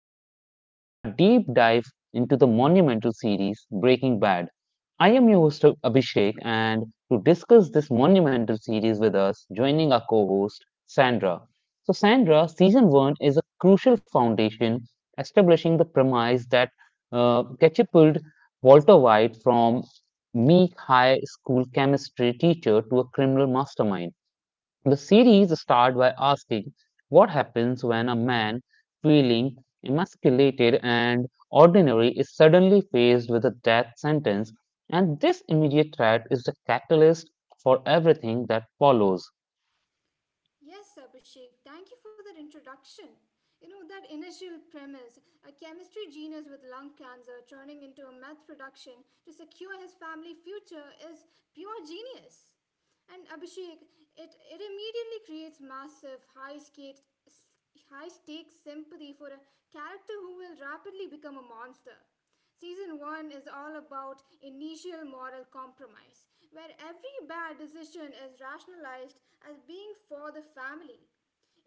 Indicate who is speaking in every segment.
Speaker 1: Breakdown, a deep dive into the monumental series Breaking Bad. I am your host Abhishek, and to discuss this monumental series with us, joining our co-host Sandra. So, Sandra, season one is a crucial foundation, establishing the premise that catapulted Walter White from meek high school chemistry teacher to a criminal mastermind. The series starts by asking what happens when a man feeling emasculated and ordinary is suddenly faced with a death sentence, and this immediate threat is the catalyst for everything that follows.
Speaker 2: Yes, Abhishek, thank you for that introduction. You know, that initial premise, a chemistry genius with lung cancer turning into a meth production to secure his family future is pure genius. And Abhishek, it immediately creates massive, high stakes sympathy for a character who will rapidly become a monster. Season 1 is all about initial moral compromise, where every bad decision is rationalized as being for the family.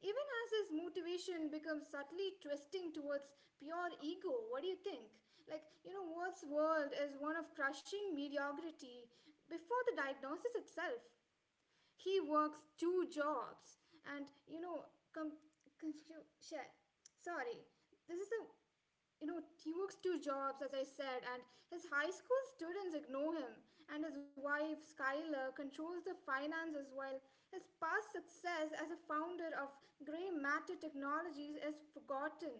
Speaker 2: Even as his motivation becomes subtly twisting towards pure ego, what do you think? Like, you know, Ward's world is one of crushing mediocrity before the diagnosis itself. He works two jobs, and you know, com- con- you- sorry, this is a you know, he works two jobs, as I said, and his high school students ignore him. And his wife, Skylar, controls the finances while his past success as a founder of Grey Matter Technologies is forgotten.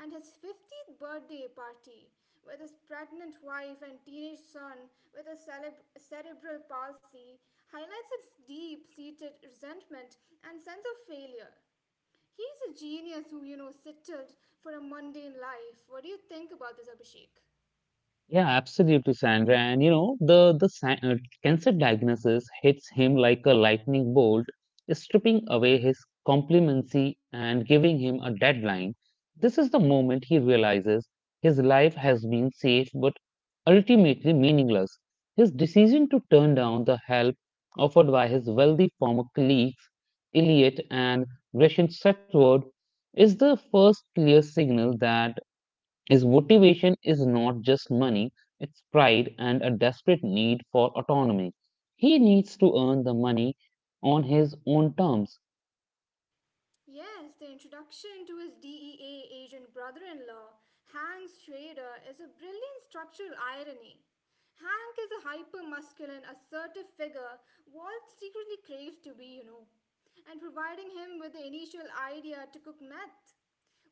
Speaker 2: And his 50th birthday party with his pregnant wife and teenage son with cerebral palsy highlights its deep seated resentment and sense of failure. He's a genius who, you know, settled for a mundane life. What do you think about this, Abhishek?
Speaker 1: Yeah, absolutely, Sandra. And the cancer diagnosis hits him like a lightning bolt, stripping away his complimency and giving him a deadline. This is the moment he realizes his life has been safe but ultimately meaningless. His decision to turn down the help offered by his wealthy former colleagues, Elliot and Gretchen Setward, is the first clear signal that his motivation is not just money, it's pride and a desperate need for autonomy. He needs to earn the money on his own terms.
Speaker 2: Yes, the introduction to his DEA agent brother in law, Hank Schrader, is a brilliant structural irony. Hank is a hyper masculine, assertive figure Walt secretly craves to be, you know, and providing him with the initial idea to cook meth.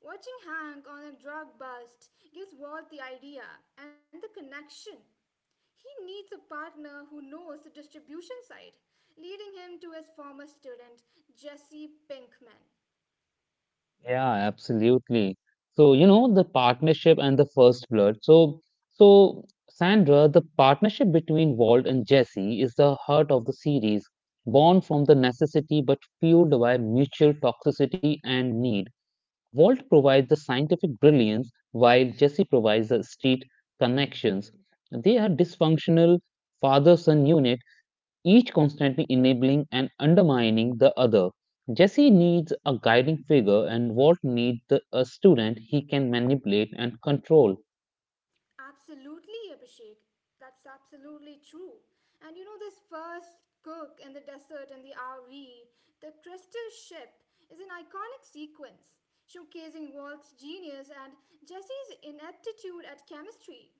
Speaker 2: Watching Hank on a drug bust gives Walt the idea and the connection. He needs a partner who knows the distribution side, leading him to his former student, Jesse Pinkman.
Speaker 1: Yeah, absolutely. So, you know, the partnership and the first blood. So Sandra, the partnership between Walt and Jesse is the heart of the series, born from the necessity but fueled by mutual toxicity and need. Walt provides the scientific brilliance, while Jesse provides the street connections. They are dysfunctional father son unit, each constantly enabling and undermining the other. Jesse needs a guiding figure, and Walt needs a student he can manipulate and control.
Speaker 2: Absolutely, Abhishek. That's absolutely true. And you know, this first cook in the desert in the RV, the crystal ship, is an iconic sequence showcasing Walt's genius and Jesse's ineptitude at chemistry.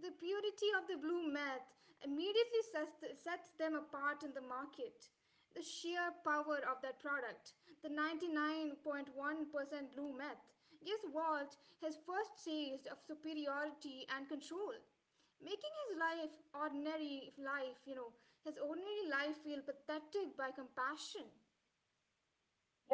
Speaker 2: The purity of the blue meth immediately sets them apart in the market. The sheer power of that product, the 99.1% blue meth, gives Walt his first taste of superiority and control, making his life, ordinary life, you know, his ordinary life feel pathetic by compassion.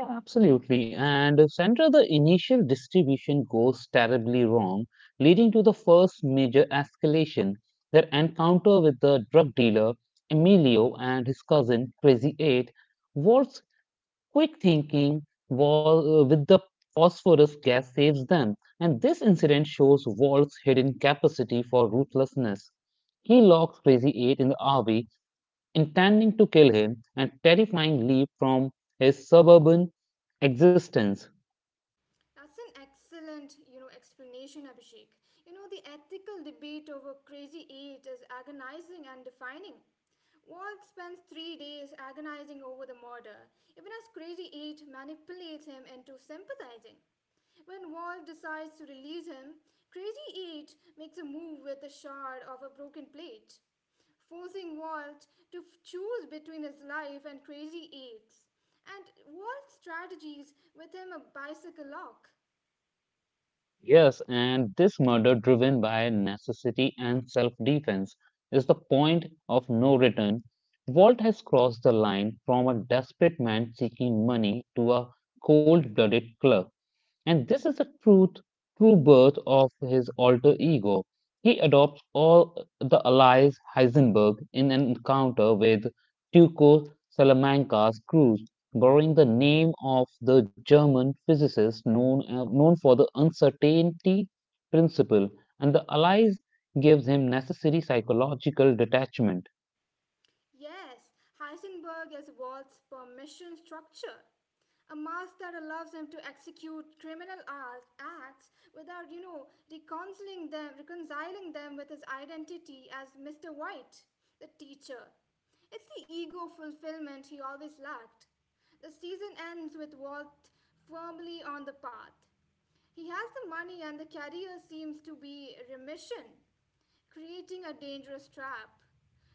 Speaker 1: Yeah, absolutely. And Sandra, the initial distribution goes terribly wrong, leading to the first major escalation, their encounter with the drug dealer, Emilio, and his cousin, Crazy Eight, was quick thinking with the phosphorus gas saves them. And this incident shows Walt's hidden capacity for ruthlessness. He locks Crazy Eight in the RV intending to kill him and terrifying leap from his suburban existence.
Speaker 2: That's an excellent, you know, explanation, Abhishek. You know, the ethical debate over Crazy 8 is agonizing and defining. Walt spends 3 days agonizing over the murder, even as Crazy 8 manipulates him into sympathizing. When Walt decides to release him, Crazy 8 makes a move with the shard of a broken plate forcing Walt to choose between his life and Crazy Eights. And Walt strategies with him a bicycle lock.
Speaker 1: Yes, and this murder driven by necessity and self defense is the point of no return. Walt has crossed the line from a desperate man seeking money to a cold blooded killer. And this is the truth, true birth of his alter ego. He adopts all the allies Heisenberg in an encounter with Tycho Salamanca's crews, borrowing the name of the German physicist known for the uncertainty principle, and the allies gives him necessary psychological detachment.
Speaker 2: Yes, Heisenberg is Walt's permission structure, a mask that allows them to execute criminal acts without, you know, reconciling them with his identity as Mr. White, the teacher. It's the ego fulfillment he always lacked. The season ends with Walt firmly on the path. He has the money, and the career seems to be remission creating a dangerous trap.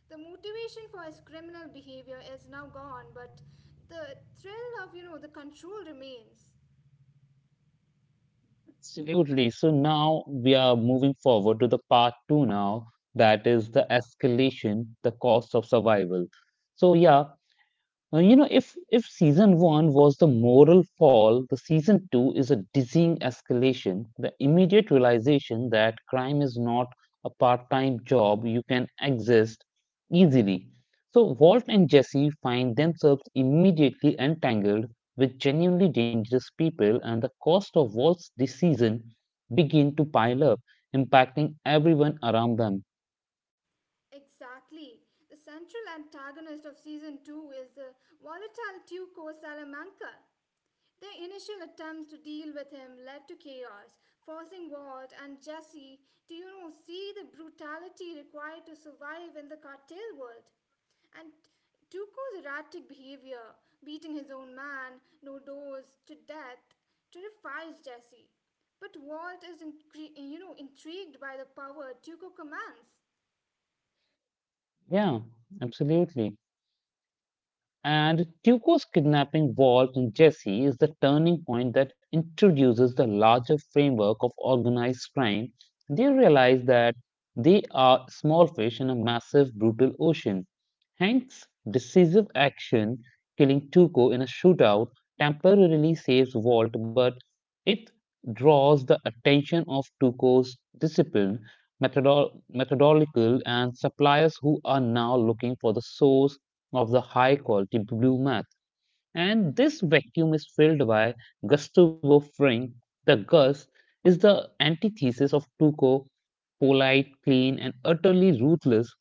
Speaker 2: The motivation for his criminal behavior is now gone, but the thrill of, you know, the control remains.
Speaker 1: Absolutely. So now we are moving forward to the part two now, that is the escalation, the cost of survival. So yeah, if season one was the moral fall, the season two is a dizzying escalation. The immediate realization that crime is not a part-time job you can exist easily. So Walt and Jesse find themselves immediately entangled with genuinely dangerous people, and the cost of Walt's decision begin to pile up, impacting everyone around them.
Speaker 2: Exactly. The central antagonist of season 2 is the volatile Tuco Salamanca. Their initial attempts to deal with him led to chaos, forcing Walt and Jesse to, you know, see the brutality required to survive in the cartel world. And Tuco's erratic behavior, beating his own man, no doors, to death, terrifies Jesse. But Walt is, you know, intrigued by the power Tuco commands.
Speaker 1: Yeah, absolutely. And Tuco's kidnapping involved in Jesse is the turning point that introduces the larger framework of organized crime. They realize that they are small fish in a massive, brutal ocean. Hank's decisive action, killing Tuco in a shootout, temporarily saves Walt, but it draws the attention of Tuco's discipline, methodological, and suppliers who are now looking for the source of the high quality blue meth. And this vacuum is filled by Gustavo Fring. The Gus is the antithesis of Tuco, polite, clean, and utterly ruthless.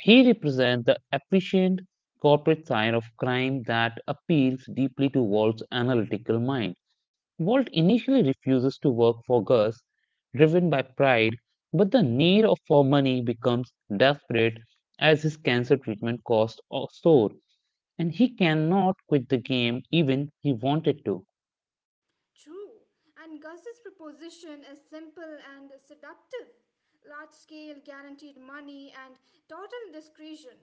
Speaker 1: He represents the efficient corporate side of crime that appeals deeply to Walt's analytical mind. Walt initially refuses to work for Gus, driven by pride, but the need for money becomes desperate as his cancer treatment costs soar, and he cannot quit the game even he wanted to.
Speaker 2: True, and Gus's proposition is simple and seductive, large scale guaranteed money and total discretion.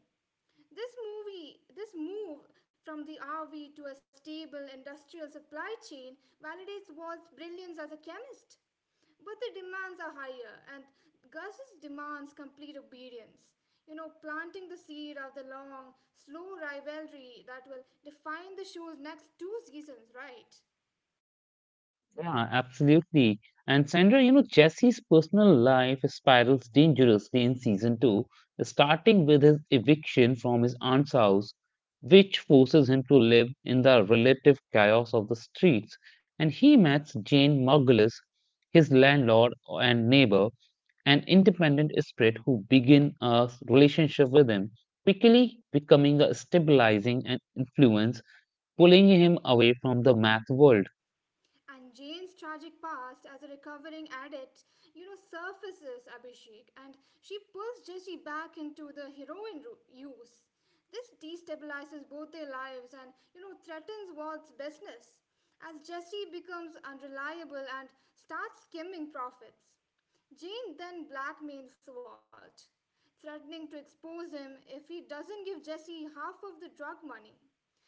Speaker 2: This move from the RV to a stable industrial supply chain validates Walt's brilliance as a chemist. But the demands are higher, and Gus's demands complete obedience. You know, planting the seed of the long, slow rivalry that will define the show's next two seasons, right?
Speaker 1: Yeah, absolutely. And Sandra, you know, Jesse's personal life spirals dangerously in season two, starting with his eviction from his aunt's house, which forces him to live in the relative chaos of the streets. And he meets Jane Margulis, his landlord and neighbor, an independent spirit who begin a relationship with him, quickly becoming a stabilizing and influence, pulling him away from the math world.
Speaker 2: And Jane's tragic past as a recovering addict, you know, surfaces Abhishek and she pulls Jesse back into the use. This destabilizes both their lives and, you know, threatens Walt's business as Jesse becomes unreliable and starts skimming profits. Jane then blackmails Walt, threatening to expose him if he doesn't give Jesse half of the drug money.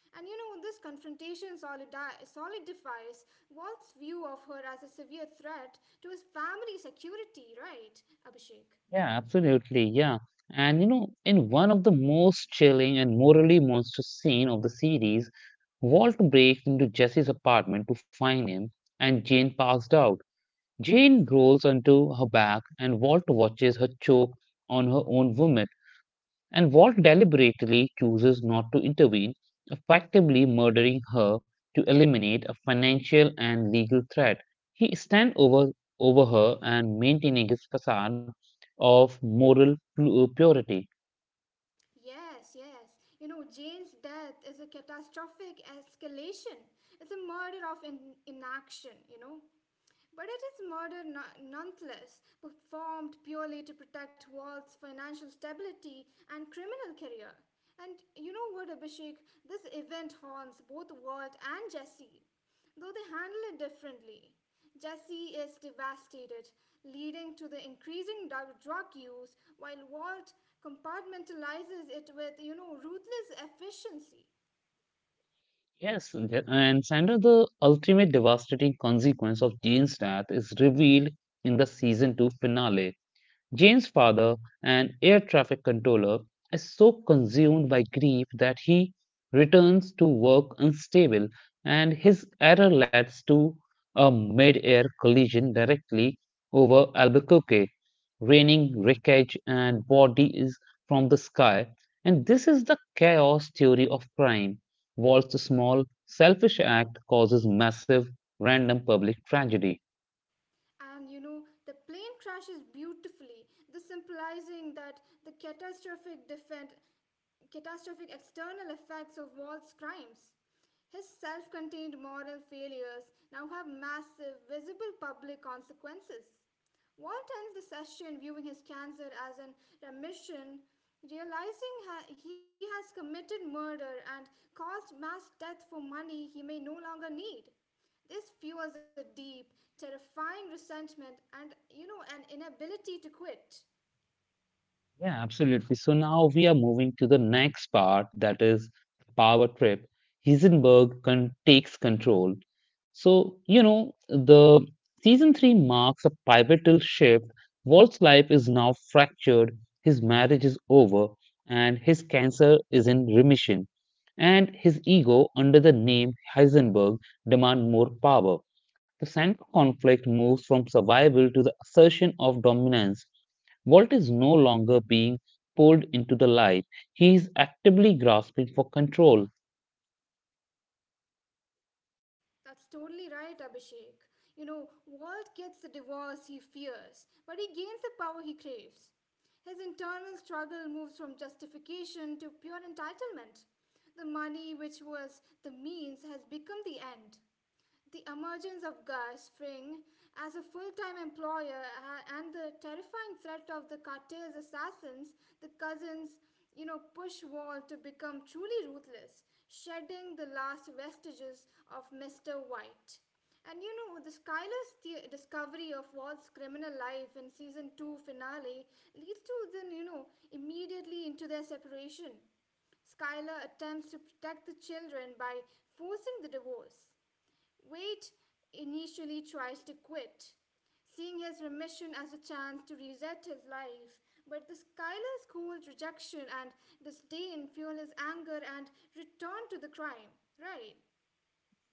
Speaker 2: And you know, this confrontation solidifies Walt's view of her as a severe threat to his family's security, right, Abhishek?
Speaker 1: Yeah, absolutely. Yeah. And you know, in one of the most chilling and morally monstrous scene of the series, Walt breaks into Jesse's apartment to find him, and Jane passed out. Jane rolls onto her back, and Walt watches her choke on her own vomit and Walt deliberately chooses not to intervene, effectively murdering her to eliminate a financial and legal threat. He stands over her and maintaining his facade of moral purity.
Speaker 2: Yes, yes. You know, Jane's death is a catastrophic escalation. It's a murder of inaction, you know. But it is murder nonetheless, performed purely to protect Walt's financial stability and criminal career. And you know what, Abhishek? This event haunts both Walt and Jesse, though they handle it differently. Jesse is devastated, leading to the increasing drug use, while Walt compartmentalizes it with, you know, ruthless efficiency.
Speaker 1: Yes, and Sandra, the ultimate devastating consequence of Jean's death is revealed in the season 2 finale. Jane's father, an air traffic controller, is so consumed by grief that he returns to work unstable, and his error leads to a mid air collision directly over Albuquerque, raining wreckage and bodies from the sky. And this is the chaos theory of crime. What's a small, selfish act causes massive, random public tragedy.
Speaker 2: And you know, the plane crashes beautifully, thus symbolizing that the catastrophic external effects of Walt's crimes. His self contained moral failures now have massive, visible public consequences. Walt ends the session viewing his cancer as in remission, realizing he has committed murder and caused mass death for money he may no longer need. This fuels a deep, terrifying resentment and, you know, an inability to quit.
Speaker 1: Yeah, absolutely. So now we are moving to the next part that is power trip. Heisenberg takes control. So, you know, the season three marks the pivotal shift. Walt's life is now fractured, his marriage is over, and his cancer is in remission. And his ego, under the name Heisenberg, demand more power. The central conflict moves from survival to the assertion of dominance. Walt is no longer being pulled into the light. He is actively grasping for control.
Speaker 2: That's totally right, Abhishek. You know, Walt gets the divorce he fears, but he gains the power he craves. His internal struggle moves from justification to pure entitlement. The money, which was the means, has become the end. The emergence of Guy Spring as a full time employer, and the terrifying threat of the cartel's assassins, the cousins, you know, push Walt to become truly ruthless, shedding the last vestiges of Mr. White. And you know, the discovery of Walt's criminal life in season 2 finale leads to then, you know, immediately into their separation. Skylar attempts to protect the children by forcing the divorce. Wade initially tries to quit, seeing his remission as a chance to reset his life. But the Skylar's cold rejection and disdain fuel his anger and return to the crime. Right,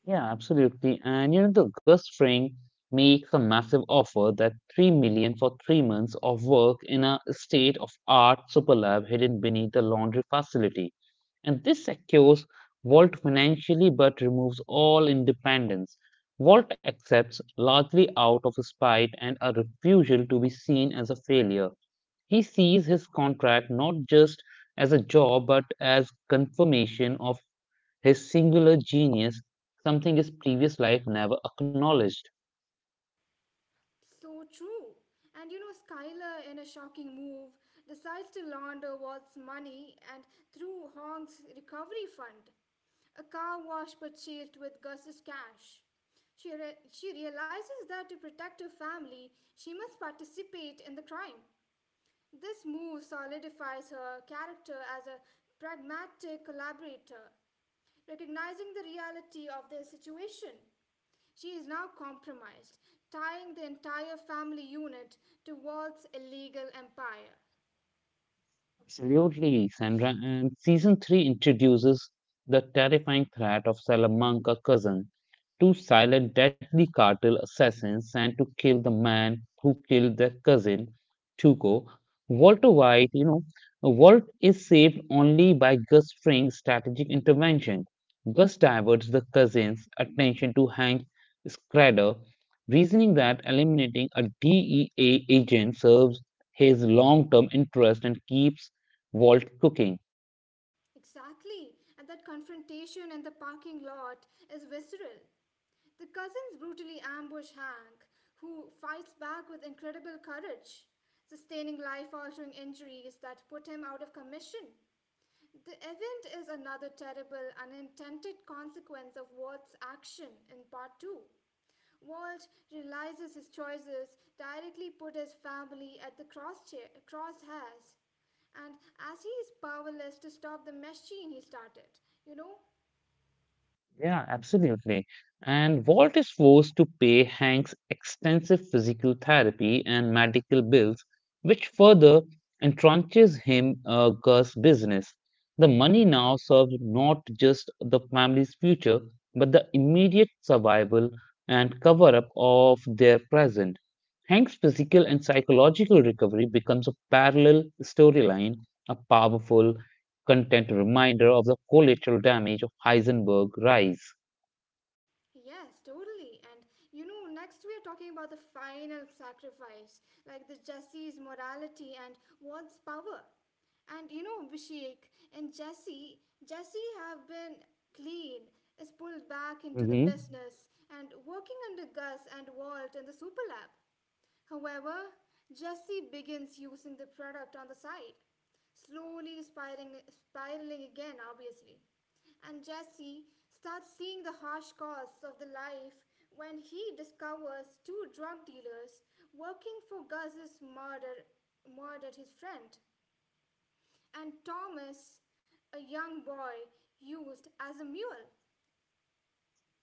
Speaker 1: Yeah, absolutely. And you know, the Gus Fring makes a massive offer that 3 million for three months of work in a state of art superlab hidden beneath the laundry facility. And this secures Walt financially but removes all independence. Walt accepts largely out of spite and a refusal to be seen as a failure. He sees his contract not just as a job but as confirmation of his singular genius, something his previous life never acknowledged.
Speaker 2: so true. And you know, Skylar, in a shocking move, decides to launder Walt's money and through Hong's recovery fund, a car wash but chased with Gus's cash. She realizes that to protect her family, she must participate in the crime. This move solidifies her character as a pragmatic collaborator, recognizing the reality of their situation. She is now compromised, tying the entire family unit to Walt's illegal empire.
Speaker 1: Absolutely, Sandra. And season three introduces the terrifying threat of Salamanca cousin to silence deadly cartel assassins and to kill the man who killed their cousin, Tuco. Walter White, you know, Walt is saved only by Gus Fring's strategic intervention. Gus diverts the cousin's attention to Hank Scrader, reasoning that eliminating a DEA agent serves his long term interest and keeps Walt cooking.
Speaker 2: Exactly, and that confrontation in the parking lot is visceral. The cousins brutally ambush Hank, who fights back with incredible courage, sustaining life altering injuries that put him out of commission. The event is another terrible, unintended consequence of Walt's action in part 2. Walt realizes his choices directly put his family at the crosshairs, and as he is powerless to stop the machine he started, you know.
Speaker 1: Yeah, absolutely. And Walt is forced to pay Hank's extensive physical therapy and medical bills, which further entrenches him Gus's business. The money now serves not just the family's future, but the immediate survival and cover up of their present. Hank's physical and psychological recovery becomes a parallel storyline, a powerful content reminder of the collateral damage of Heisenberg rise.
Speaker 2: Yes, totally. And you know, next we are talking about the final sacrifice, like the Jesse's morality and Walt's power. And you know, Abhishek and Jesse, Jesse have been clean, is pulled back into the
Speaker 1: Mhm.
Speaker 2: business and working under Gus and Walt in the super lab. However, Jesse begins using the product on the side, slowly spiraling again, obviously. And Jesse starts seeing the harsh costs of the life when he discovers two drug dealers working for Gus's murdered his friend and Thomas, a young boy used as a mule.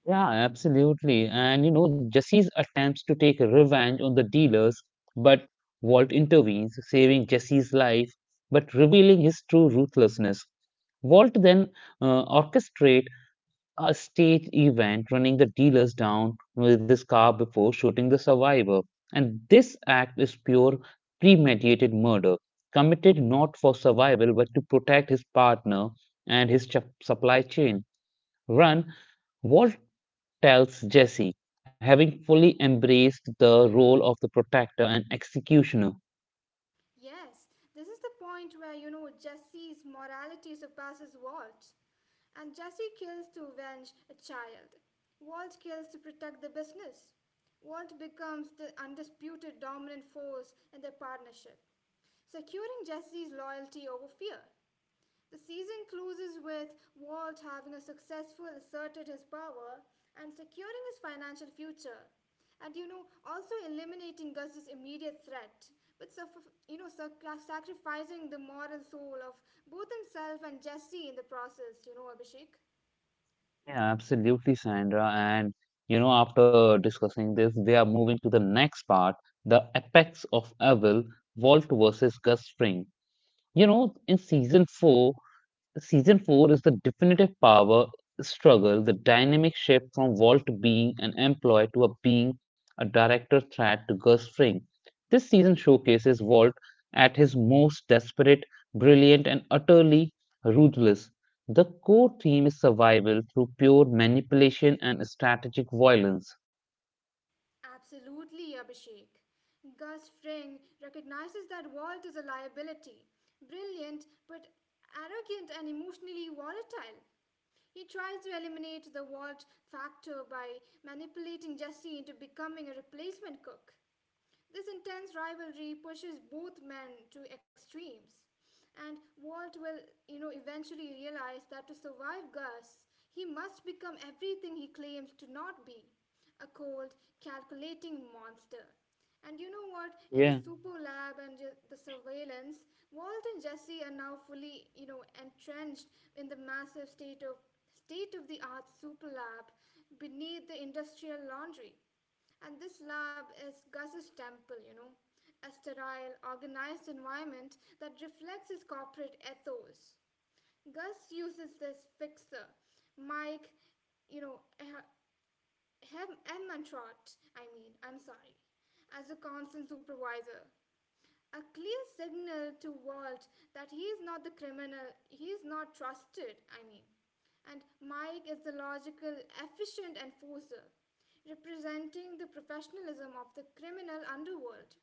Speaker 1: Yeah, absolutely. And you know, Jesse's attempts to take revenge on the dealers, but Walt intervenes, saving Jesse's life, but revealing his true ruthlessness. Walt then orchestrates a stage event, running the dealers down with his car before shooting the survivor. And this act is pure premeditated murder, committed not for survival but to protect his partner and his supply chain. Run, Walt tells Jesse, having fully embraced the role of the protector and executioner.
Speaker 2: Yes, this is the point where you know Jesse's morality surpasses Walt, and Jesse kills to avenge a child. Walt kills to protect the business. Walt becomes the undisputed dominant force in their partnership, securing Jesse's loyalty over fear. The season closes with Walt having a successful asserted his power and securing his financial future. And you know, also eliminating Gus's immediate threat, but you know, sacrificing the moral soul of both himself and Jesse in the process, you know, Abhishek.
Speaker 1: Yeah, absolutely, Sandra. And you know, after discussing this, we are moving to the next part, the apex of evil, Walt versus Gus Fring. You know, in season four is the definitive power struggle, the dynamic shift from Walt being an employee to a being a director threat to Gus Fring. This season showcases Walt at his most desperate, brilliant, and utterly ruthless. The core theme is survival through pure manipulation and strategic violence.
Speaker 2: Absolutely, Abhishek. Gus Fring recognizes that Walt is a liability, brilliant but arrogant and emotionally volatile. He tries to eliminate the Walt factor by manipulating Jesse into becoming a replacement cook. This intense rivalry pushes both men to extremes. And Walt will, you know, eventually realize that to survive Gus, he must become everything he claims to not be, a cold, calculating monster. And you know what? In the
Speaker 1: Yeah.
Speaker 2: super lab and the surveillance, Walt and Jesse are now fully, you know, entrenched in the massive state of the art super lab beneath the industrial laundry. And this lab is Gus's temple, you know, a sterile, organized environment that reflects his corporate ethos. Gus uses this fixer, Mike, you know, I'm sorry, as a constant supervisor. A clear signal to Walt that he is not the criminal, he is not trusted, I mean. And Mike is the logical, efficient enforcer representing the professionalism of the criminal underworld.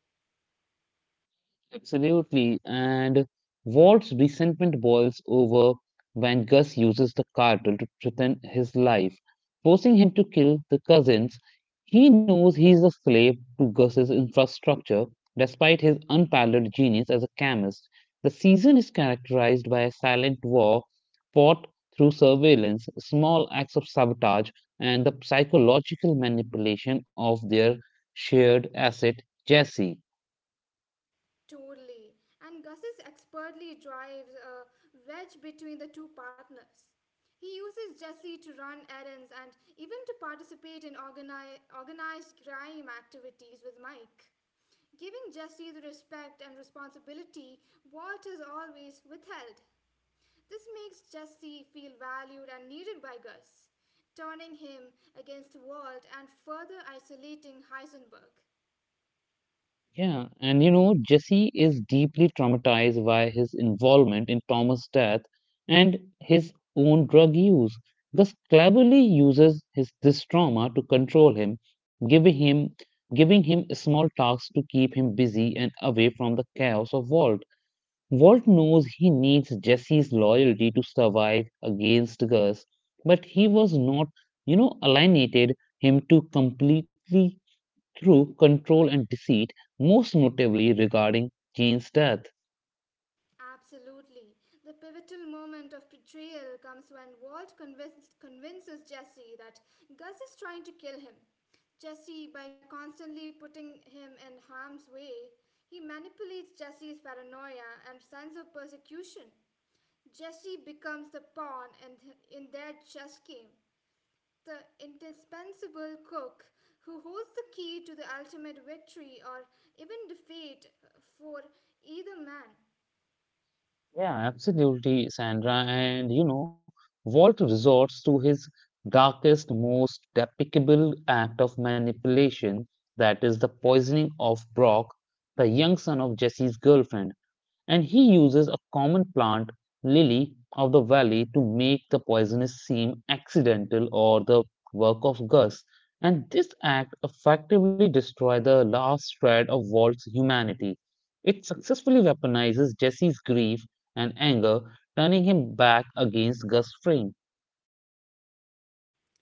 Speaker 1: Absolutely. And Walt's resentment boils over when Gus uses the cartel to threaten his life, forcing him to kill the cousins. He knows he's a slave to Gus's infrastructure, despite his unparalleled genius as a chemist. The season is characterized by a silent war fought through surveillance, small acts of sabotage, and the psychological manipulation of their shared asset, Jesse.
Speaker 2: Totally. And Gus's expertly drives a wedge between the two partners. He uses Jesse to run errands and even to participate in organized crime activities with Mike, giving Jesse the respect and responsibility Walt has always withheld. This makes Jesse feel valued and needed by Gus, turning him against Walt and further isolating Heisenberg.
Speaker 1: Yeah, and you know, Jesse is deeply traumatized by his involvement in Thomas' death and his own drug use. Gus cleverly uses his this trauma to control him, giving him giving him small tasks to keep him busy and away from the chaos of Walt. Walt knows he needs Jesse's loyalty to survive against Gus, but he was not, you know, alienated him to completely through control and deceit, most notably regarding Jane's death.
Speaker 2: Absolutely. The pivotal moment of betrayal comes when convinces Jesse that Gus is trying to kill him. Jesse, by constantly putting him in harm's way, he manipulates Jesse's paranoia and sense of persecution. Jesse becomes the pawn in their chess game, the indispensable cook who holds the key to the ultimate victory or even defeat for either man.
Speaker 1: Yeah, absolutely, Sandra. And you know, Walt resorts to his darkest, most despicable act of manipulation, that is the poisoning of Brock, the young son of Jesse's girlfriend. And he uses a common plant, lily of the valley, to make the poisonous seem accidental or the work of Gus. And this act effectively destroys the last shred of Walt's humanity. It successfully weaponizes Jesse's grief and anger, turning him back against Gus Fring.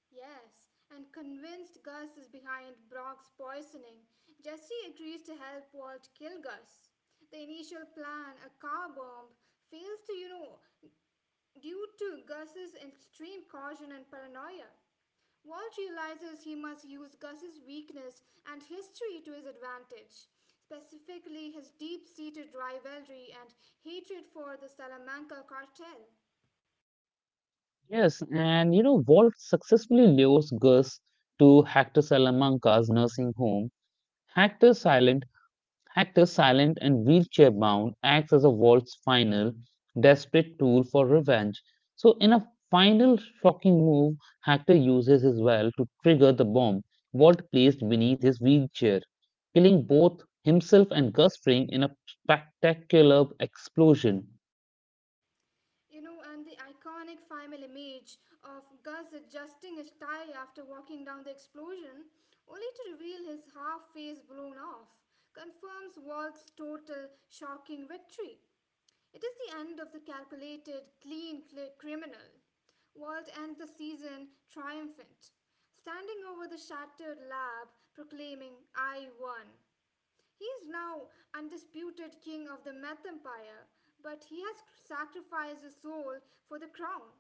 Speaker 2: Yes, and convinced Gus is behind Brock's poisoning, Jesse agrees to help Walt kill Gus. The initial plan, a car bomb, fails to, due to Gus's extreme caution and paranoia. Walt realizes he must use Gus's weakness and history to his advantage, specifically his deep seated rivalry and hatred for the Salamanca cartel.
Speaker 1: Yes, and you know, Walt successfully lures Gus to Hector Salamanca's nursing home. Hector Silent Hector, silent and wheelchair bound, acts as a Walt's final, desperate tool for revenge. So, in a final shocking move, Hector uses his well to trigger the bomb Walt placed beneath his wheelchair, killing both himself and Gus Fring in a spectacular explosion.
Speaker 2: And the iconic final image of Gus adjusting his tie after walking down the explosion, only to reveal his half face blown off, confirms Walt's total shocking victory. It is the end of the calculated, clean criminal. Walt ends the season triumphant, standing over the shattered lab, proclaiming, I won. He is now undisputed king of the meth empire, but he has sacrificed his soul for the crown.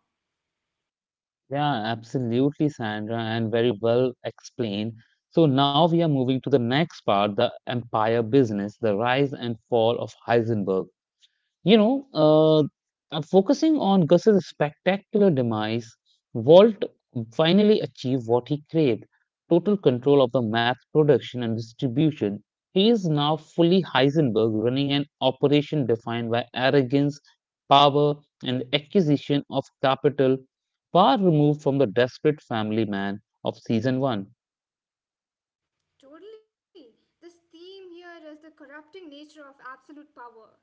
Speaker 1: Yeah, absolutely, Sandra, and very well explained. So, now we are moving to the next part the empire business, the rise and fall of Heisenberg. You know, uh, Focusing on Gus's spectacular demise, Walt finally achieved what he craved total control of the mass production and distribution. He is now fully Heisenberg, running an operation defined by arrogance, power, and acquisition of capital, far removed from the desperate family man of season one.
Speaker 2: Totally. This theme here is the corrupting nature of absolute power.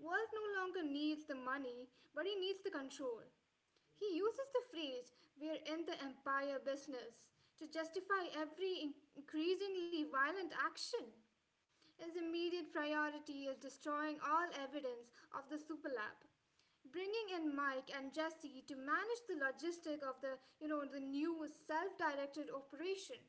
Speaker 2: Walt no longer needs the money, but he needs the control. He uses the phrase, we're in the empire business, to justify every increasingly violent action. His immediate priority is destroying all evidence of the superlab. Bringing in Mike and Jesse to manage the logistic of the, the new self-directed operation.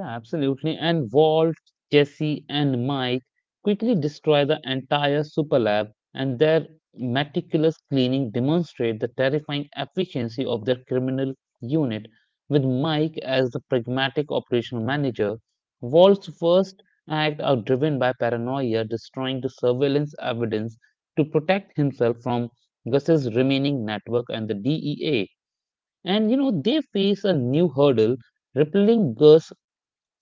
Speaker 1: Yeah, absolutely. And Walt, Jesse, and Mike quickly destroy the entire super lab, and their meticulous cleaning demonstrate the terrifying efficiency of their criminal unit. With Mike as the pragmatic operational manager, Walt's first act are driven by paranoia, destroying the surveillance evidence to protect himself from Gus's remaining network and the DEA. And you know, they face a new hurdle. Rippling Gus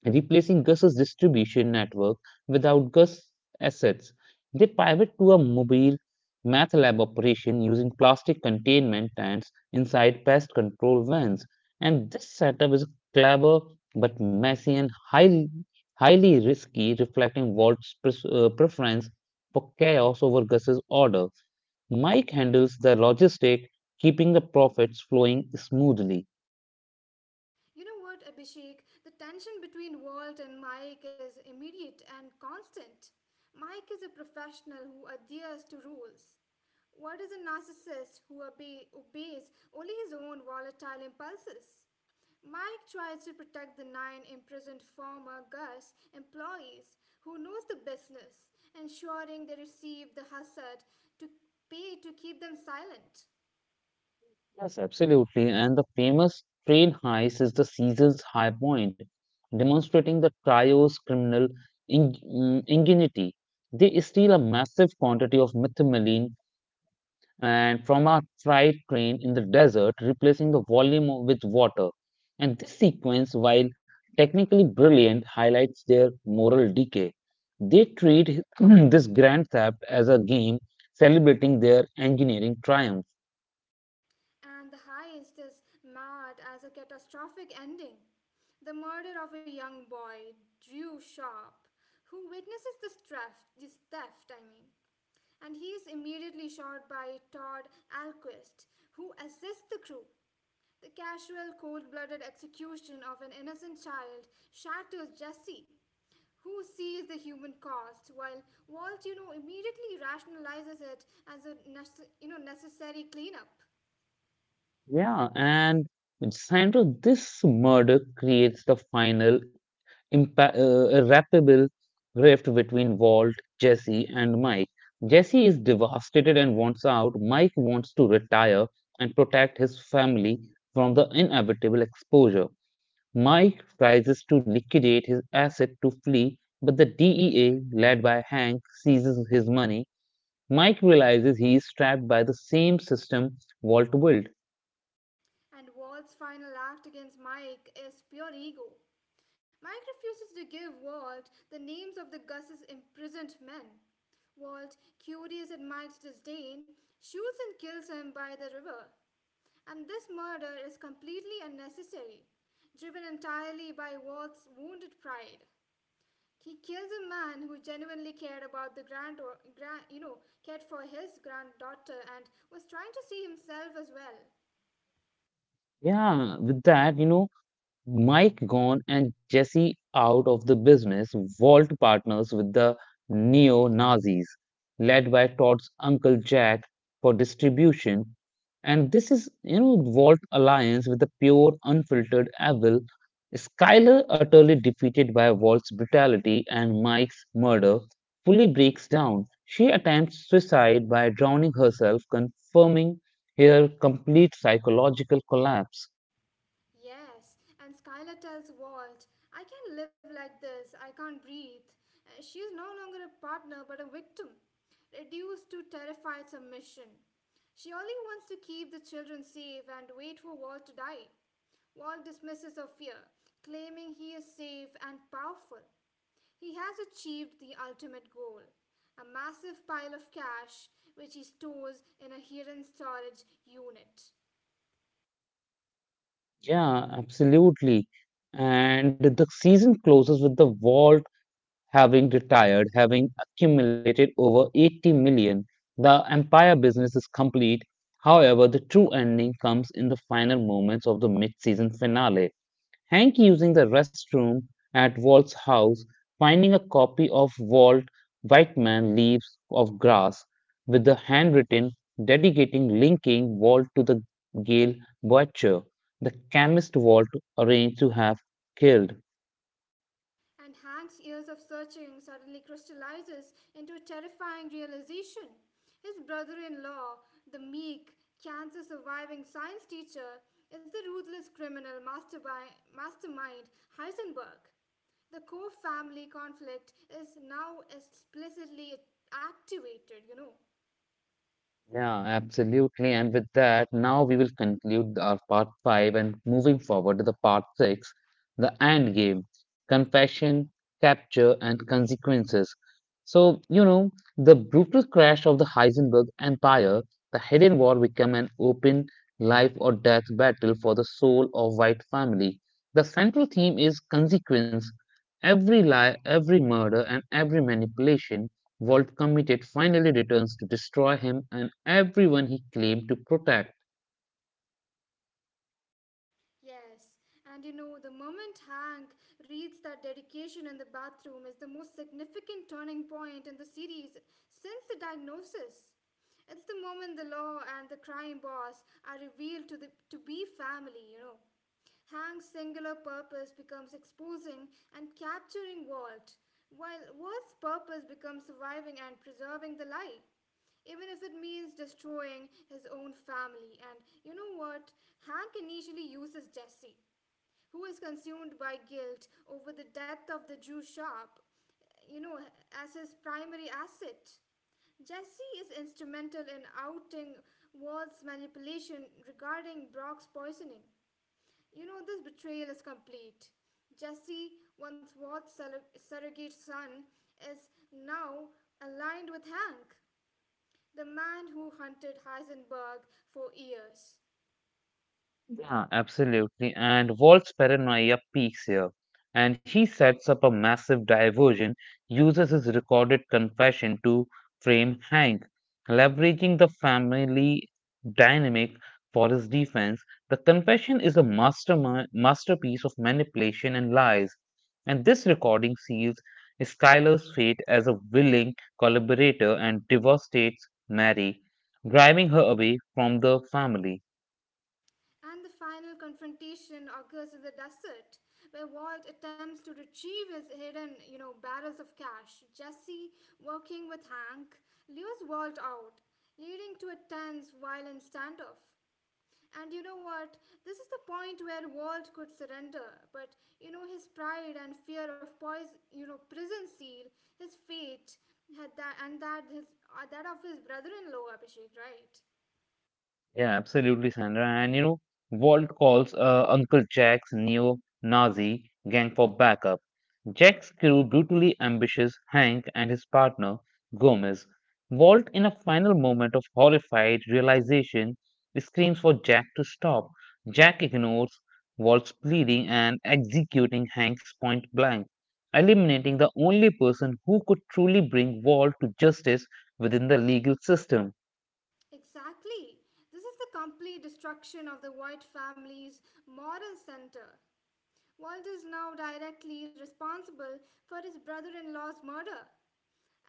Speaker 1: Replacing Gus's distribution network without Gus's assets. They pivot to a mobile math lab operation using plastic containment tanks inside pest control vans. And this setup is clever but messy and highly risky, reflecting Walt's preference for chaos over Gus's order. Mike handles the logistic, keeping the profits flowing smoothly.
Speaker 2: You know what, Abhishek? The tension between Walt and Mike is immediate and constant. Mike is a professional who adheres to rules. Walt is a narcissist who obeys only his own volatile impulses. Mike tries to protect the nine imprisoned former Gus employees who knows the business, ensuring they receive the hazard to pay to keep them silent.
Speaker 1: Yes, absolutely. And the famous train heist is the season's high point, demonstrating the trio's criminal ingenuity. They steal a massive quantity of methamphetamine and from a freight train in the desert, replacing the volume of- with water. And this sequence, while technically brilliant, highlights their moral decay. They treat this grand theft as a game celebrating their engineering triumph.
Speaker 2: And the heist is marred as a catastrophic ending. The murder of a young boy, Drew Sharp, who witnesses this theft, I mean, and he is immediately shot by Todd Alquist, who assists the crew. The casual, cold blooded execution of an innocent child shatters Jesse, who sees the human cost, while Walt, immediately rationalizes it as a necessary cleanup.
Speaker 1: Yeah, and Sandra, this murder creates the final irreparable rift between Walt, Jesse, and Mike. Jesse is devastated and wants out. Mike wants to retire and protect his family from the inevitable exposure. Mike tries to liquidate his asset to flee, but the DEA, led by Hank, seizes his money. Mike realizes he is trapped by the same system Walt built.
Speaker 2: And Walt's final act against Mike is pure ego. Mike refuses to give Walt the names of the Gus's imprisoned men. Walt, curious at Mike's disdain, shoots and kills him by the river. And this murder is completely unnecessary, driven entirely by Walt's wounded pride. He kills a man who genuinely cared about the grand, grand you know, cared for his granddaughter and was trying to see himself as well.
Speaker 1: Yeah, with that, you know, Mike gone and Jesse out of the business, Walt partners with the neo-Nazis, led by Todd's uncle Jack for distribution. And this is, you know, Walt alliance with the pure, unfiltered evil. Skyler, utterly defeated by Walt's brutality and Mike's murder, fully breaks down. She attempts suicide by drowning herself, confirming her complete psychological collapse.
Speaker 2: Yes, and Skylar tells Walt, I can't live like this, I can't breathe. She is no longer a partner but a victim, reduced to terrified submission. She only wants to keep the children safe and wait for Walt to die. Walt dismisses her fear, claiming he is safe and powerful. He has achieved the ultimate goal, a massive pile of cash which he stores in a hidden storage unit.
Speaker 1: Yeah, absolutely. And the season closes with the Vault having retired, having accumulated over 80 million. The Empire business is complete. However, the true ending comes in the final moments of the mid-season finale. Hank using the restroom at Walt's house, finding a copy of Walt Whitman Leaves of Grass with the handwritten dedicating linking Walt to the Gale Butcher, the chemist Walt arranged to have killed.
Speaker 2: And Hank's years of searching suddenly crystallizes into a terrifying realization. His brother in law, the meek, cancer surviving science teacher, is the ruthless criminal mastermind Heisenberg. The core family conflict is now explicitly activated,
Speaker 1: Yeah, absolutely. And with that, now we will conclude our part five and moving forward to the part six, the end game, confession, capture, and consequences. So, you know, the brutal crash of the Heisenberg Empire, the hidden war became an open life or death battle for the soul of white family. The central theme is consequence. Every lie, every murder, and every manipulation Walt committed finally returns to destroy him and everyone he claimed to protect.
Speaker 2: Yes, and the moment Hank reads that dedication in the bathroom is the most significant turning point in the series since the diagnosis. It's the moment the law and the crime boss are revealed to be family, Hank's singular purpose becomes exposing and capturing Walt, while Walt's purpose becomes surviving and preserving the lie even if it means destroying his own family. And you know what? Hank initially uses Jesse, who is consumed by guilt over the death of the Jew shop, you know, as his primary asset. Jesse is instrumental in outing Walt's manipulation regarding Brock's poisoning. You know, this betrayal is complete. Jesse, once Walt's surrogate son, is now aligned with Hank, the man who hunted Heisenberg for years.
Speaker 1: Yeah, absolutely. And Walt's paranoia peaks here, and he sets up a massive diversion, uses his recorded confession to frame Hank, leveraging the family dynamic for his defense. The confession is a mastermind, masterpiece of manipulation and lies, and this recording seals Skyler's fate as a willing collaborator and devastates Mary, driving her away from the family.
Speaker 2: And the final confrontation occurs in the desert, where Walt attempts to retrieve his hidden, barrels of cash. Jesse, working with Hank, lures Walt out, leading to a tense, violent standoff. And you know what? This is the point where Walt could surrender, but you know his pride and fear of poison, you know prison seal, his fate, had that and that his that of his brother-in-law Abhishek, right?
Speaker 1: Yeah, absolutely, Sandra. And you know, Walt calls Uncle Jack's neo-Nazi gang for backup. Jack's crew brutally ambushes Hank and his partner, Gomez. Walt, in a final moment of horrified realization, screams for Jack to stop. Jack ignores Walt's pleading and executing Hank's point blank, eliminating the only person who could truly bring Walt to justice within the legal system.
Speaker 2: Exactly. This is the complete destruction of the White family's moral center. Walt is now directly responsible for his brother-in-law's murder,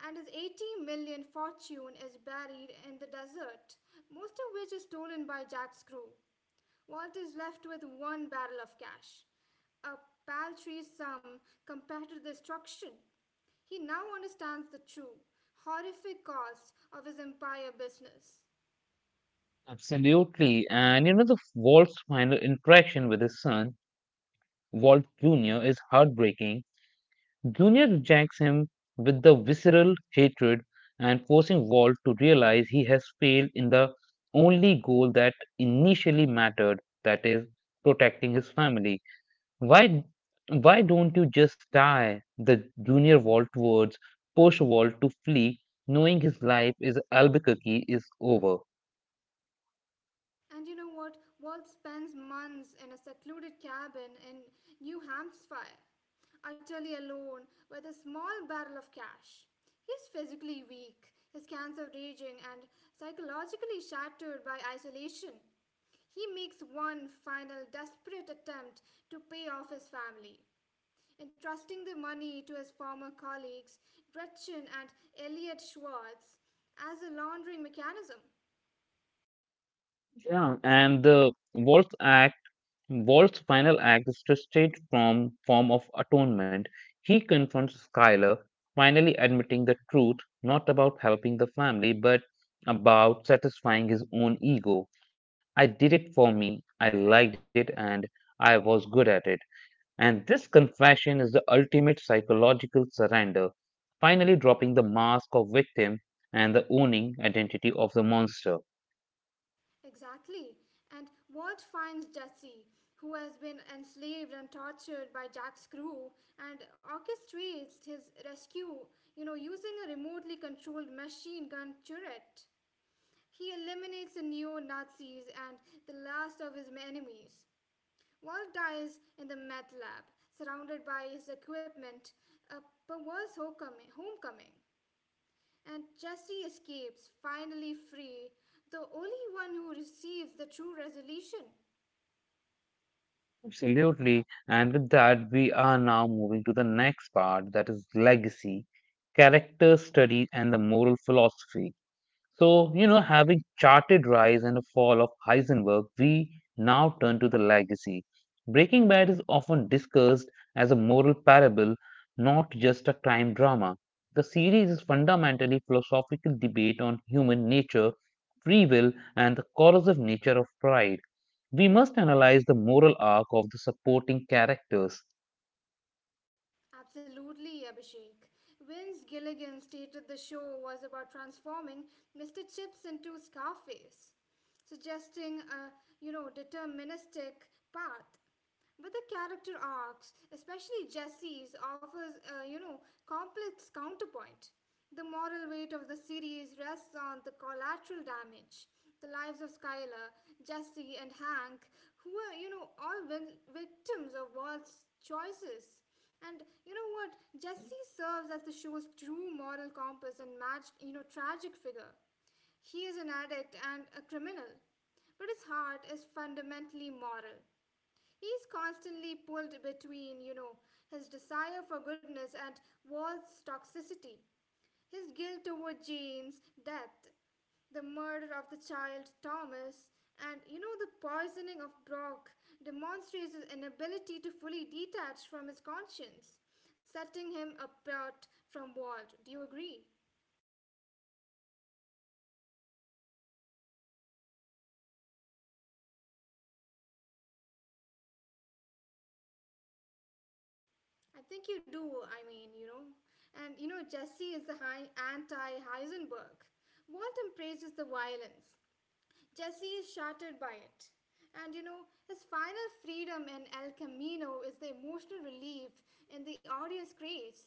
Speaker 2: and his 80 million fortune is buried in the desert, most of which is stolen by Jack Screw. Walt is left with one barrel of cash, a paltry sum compared to the destruction. He now understands the true, horrific cost of his empire business.
Speaker 1: Absolutely. And you know, the Walt's final interaction with his son, Walt Jr., is heartbreaking. Jr. rejects him with the visceral hatred and forcing Walt to realize he has failed in the only goal that initially mattered, that is, protecting his family. Why why don't you just die? The junior Walt words push Walt to flee, knowing his life is Albuquerque is over.
Speaker 2: And you know what? Walt spends months in a secluded cabin in New Hampshire utterly alone with a small barrel of cash. He is physically weak, his cancer raging, and psychologically shattered by isolation. He makes one final desperate attempt to pay off his family. Entrusting the money to his former colleagues, Gretchen and Elliot Schwartz, as a laundering mechanism.
Speaker 1: Yeah, and the Wolf's act, Wolf's final act is twisted from form of atonement. He confronts Skylar, finally admitting the truth, not about helping the family, but about satisfying his own ego. I did it for me, I liked it, and I was good at it. And this confession is the ultimate psychological surrender, finally dropping the mask of victim and the owning identity of the monster.
Speaker 2: Exactly. And Walt finds Jesse, who has been enslaved and tortured by Jack's crew, and orchestrates his rescue, using a remotely controlled machine gun turret. He eliminates the neo Nazis and the last of his enemies. Walt dies in the meth lab, surrounded by his equipment, a perverse homecoming. And Chesty escapes, finally free, the only one who receives the true resolution.
Speaker 1: Absolutely. And with that, we are now moving to the next part that is legacy, character studies, and the moral philosophy. So, you know, having charted rise and fall of Heisenberg, we now turn to the legacy. Breaking Bad is often discussed as a moral parable, not just a crime drama. The series is fundamentally philosophical debate on human nature, free will, and the corrosive nature of pride. We must analyze the moral arc of the supporting characters.
Speaker 2: Absolutely, Abhishek. Vince Gilligan stated the show was about transforming Mr. Chips into Scarface, suggesting a, deterministic path. But the character arcs, especially Jesse's, offers complex counterpoint. The moral weight of the series rests on the collateral damage, the lives of Skylar, Jesse, and Hank, who were all victims of Walt's choices. And you know what? Jesse serves as the show's true moral compass and matched tragic figure. He is an addict and a criminal, but his heart is fundamentally moral. He's constantly pulled between, his desire for goodness and Walt's toxicity, his guilt over Jane's death, the murder of the child Thomas, and, the poisoning of Brock demonstrates his inability to fully detach from his conscience, setting him apart from Walt. Do you agree? I think you do, I mean, you know. And, Jesse is the high anti Heisenberg. Walt embraces the violence, Jesse is shattered by it. And his final freedom in El Camino is the emotional relief and the audience creates.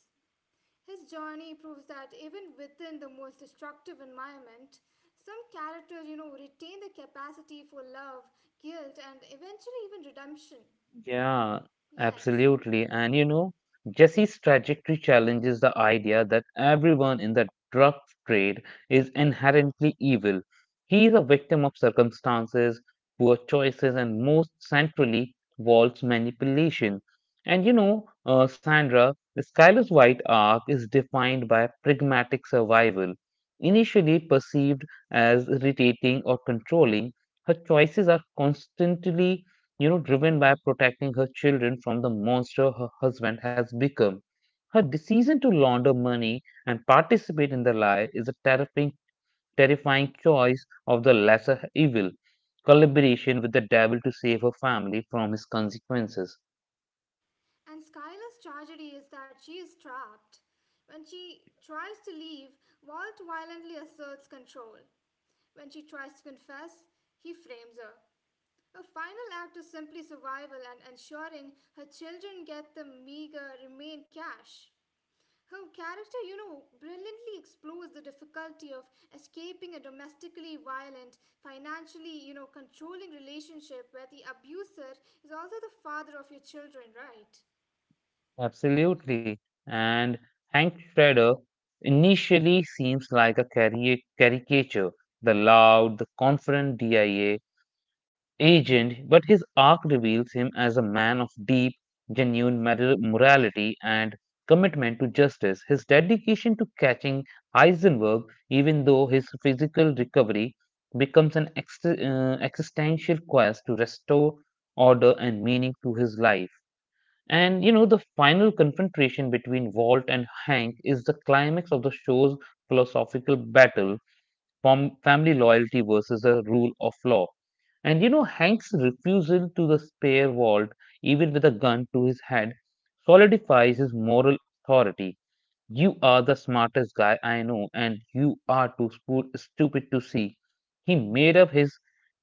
Speaker 2: His journey proves that even within the most destructive environment, some characters, retain the capacity for love, guilt, and eventually even redemption.
Speaker 1: Yeah,
Speaker 2: Yes.
Speaker 1: absolutely. And you know, Jesse's trajectory challenges the idea that everyone in the drug trade is inherently evil. He is a victim of circumstances, poor choices, and most centrally, Walt's manipulation. And you know, Sandra, Skylar's White arc is defined by pragmatic survival. Initially perceived as irritating or controlling, her choices are constantly you know, driven by protecting her children from the monster her husband has become. Her decision to launder money and participate in the lie is a terrifying choice of the lesser evil, collaboration with the devil to save her family from his consequences.
Speaker 2: And Skylar's tragedy is that she is trapped. When she tries to leave, Walt violently asserts control. When she tries to confess, he frames her. Her final act is simply survival and ensuring her children get the meager remain cash. Her character, brilliantly explores the difficulty of escaping a domestically violent, financially, controlling relationship where the abuser is also the father of your children, right?
Speaker 1: Absolutely. And Hank Shredder initially seems like a caricature, the loud, the confident DIA agent, but his arc reveals him as a man of deep, genuine morality and commitment to justice. His dedication to catching Heisenberg, even though his physical recovery becomes an existential quest to restore order and meaning to his life. And you know, the final confrontation between Walt and Hank is the climax of the show's philosophical battle from family loyalty versus the rule of law. And you know, Hank's refusal to the spare wall, even with a gun to his head, solidifies his moral authority. You are the smartest guy I know, and you are too stupid to see. He made up his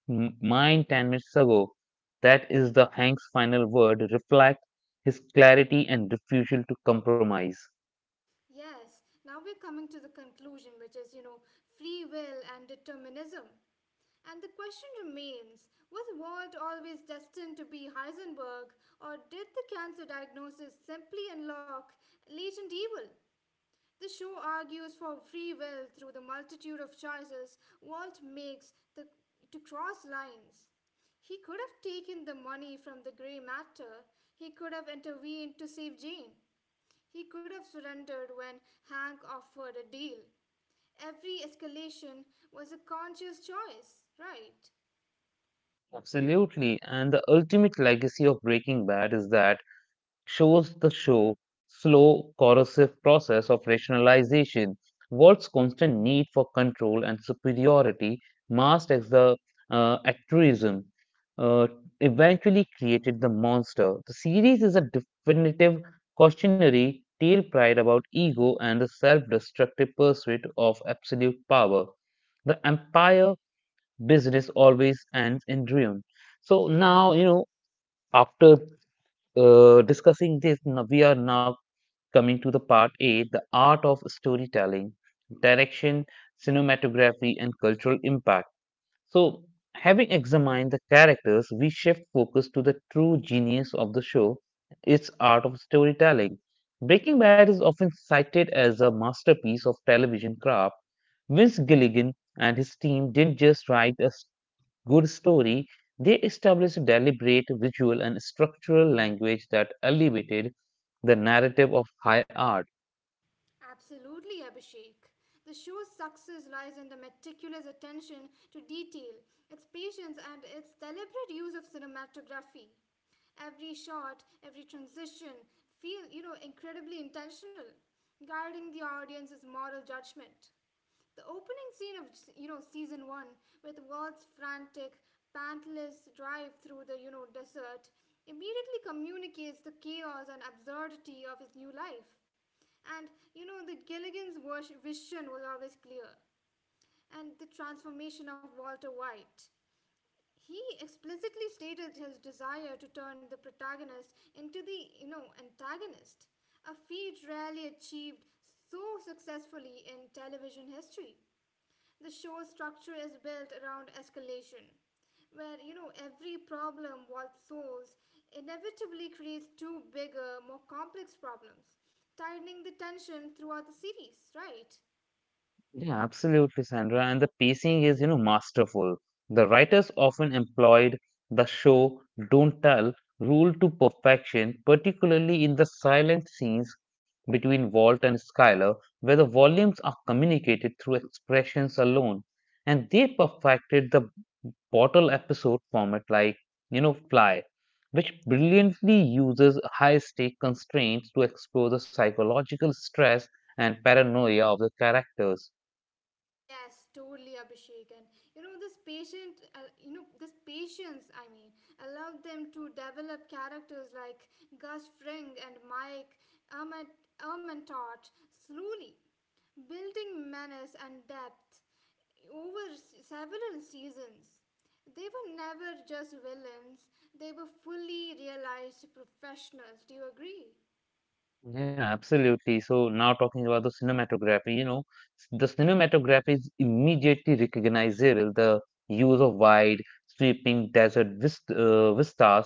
Speaker 1: mind 10 minutes ago. That is the Hank's final word, reflect his clarity and refusal to compromise.
Speaker 2: Yes, now we're coming to the conclusion, which is, free will and determinism. And the question remains, was Walt always destined to be Heisenberg, or did the cancer diagnosis simply unlock latent evil? The show argues for free will through the multitude of choices Walt makes to cross lines. He could have taken the money from the grey matter, he could have intervened to save Jane, he could have surrendered when Hank offered a deal. Every escalation was a conscious choice, right?
Speaker 1: Absolutely. And the ultimate legacy of Breaking Bad is that shows the show slow, corrosive process of rationalization, Walt's constant need for control and superiority, masked as the altruism, uh, eventually created the monster. The series is a definitive cautionary tale pride about ego and the self-destructive pursuit of absolute power. The empire business always ends in ruin. So now, you know, after discussing this, now we are now coming to the part A, the art of storytelling, direction, cinematography, and cultural impact. So, having examined the characters, we shift focus to the true genius of the show, its art of storytelling. Breaking Bad is often cited as a masterpiece of television craft. Vince Gilligan and his team didn't just write a good story, they established a deliberate visual and structural language that elevated the narrative of high art.
Speaker 2: Absolutely, Abhishek. The show's success lies in the meticulous attention to detail, its patience, and its deliberate use of cinematography. Every shot, every transition feel, incredibly intentional, guiding the audience's moral judgment. The opening scene of season one, with Walt's frantic, pantless drive through the desert, immediately communicates the chaos and absurdity of his new life. And vision was always clear. And the transformation of Walter White, he explicitly stated his desire to turn the protagonist into the antagonist, a feat rarely achieved so successfully in television history. The show's structure is built around escalation, where every problem Walt solves inevitably creates two bigger, more complex problems, tightening the tension throughout the series, right?
Speaker 1: Yeah, absolutely, Sandra. And the pacing is, you know, masterful. The writers often employed the show don't tell rule to perfection, particularly in the silent scenes between Walt and Skyler, where the volumes are communicated through expressions alone. And they perfected the bottle episode format like, you know, Fly, which brilliantly uses high stake constraints to explore the psychological stress and paranoia of the characters.
Speaker 2: Yes, totally, Abhishek. And you know, this patient, you know, this patience, I mean, allowed them to develop characters like Gus Fring and Mike Ermentaut slowly, building manners and depth over several seasons. They were never just villains, they were fully realized professionals. Do you agree?
Speaker 1: Yeah, absolutely. So now talking about the cinematography, you know, the cinematography is immediately recognizable. The use of wide, sweeping desert vistas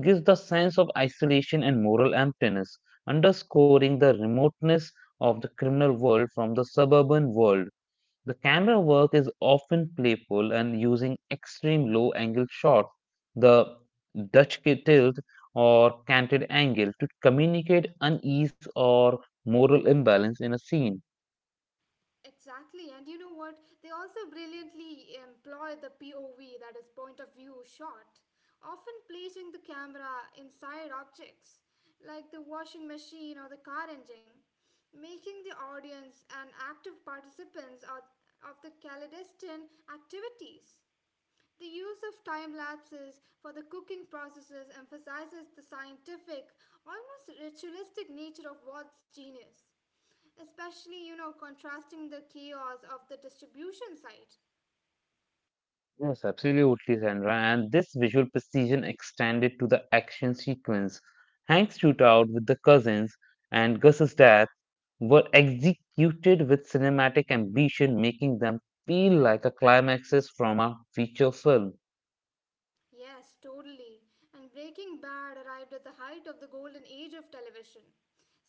Speaker 1: gives the sense of isolation and moral emptiness, underscoring the remoteness of the criminal world from the suburban world. The camera work is often playful and using extreme low angle shots, the Dutch tilt or canted angle to communicate unease or moral imbalance in a scene.
Speaker 2: Exactly, and you know what? They also brilliantly employ the POV, that is, point of view shot, often placing the camera inside objects like the washing machine or the car engine, making the audience an active participants of the clandestine activities. The use of time lapses for the cooking processes emphasizes the scientific, almost ritualistic nature of Walt's genius, especially, contrasting the chaos of the distribution site.
Speaker 1: Yes, absolutely, Sandra. And this visual precision extended to the action sequence. Hank's shootout with the cousins and Gus's death were executed with cinematic ambition, making them feel like a climaxes from a feature film.
Speaker 2: Yes, totally. And Breaking Bad arrived at the height of the golden age of television,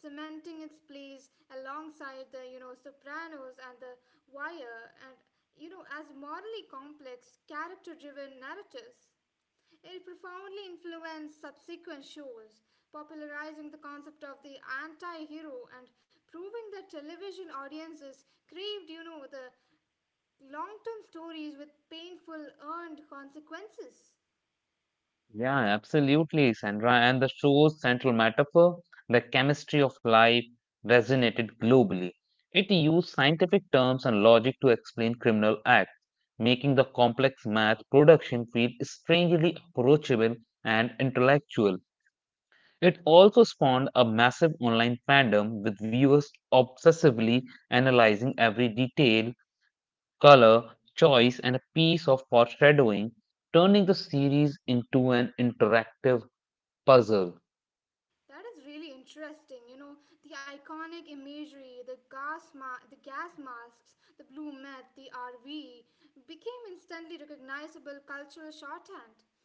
Speaker 2: cementing its place alongside the, Sopranos and The Wire, and, as morally complex, character driven narratives. It profoundly influenced subsequent shows, popularizing the concept of the anti hero and proving that television audiences craved, the long term stories with painful, earned consequences.
Speaker 1: Yeah, absolutely, Sandra. And the show's central metaphor, the chemistry of life, resonated globally. It used scientific terms and logic to explain criminal acts, making the complex math production feel strangely approachable and intellectual. It also spawned a massive online fandom with viewers obsessively analyzing every detail, color, choice, and a piece of foreshadowing, turning the series into an interactive puzzle.
Speaker 2: That is really interesting. You know, the iconic imagery, the the gas masks, the blue meth, the RV became instantly recognizable cultural shorthand.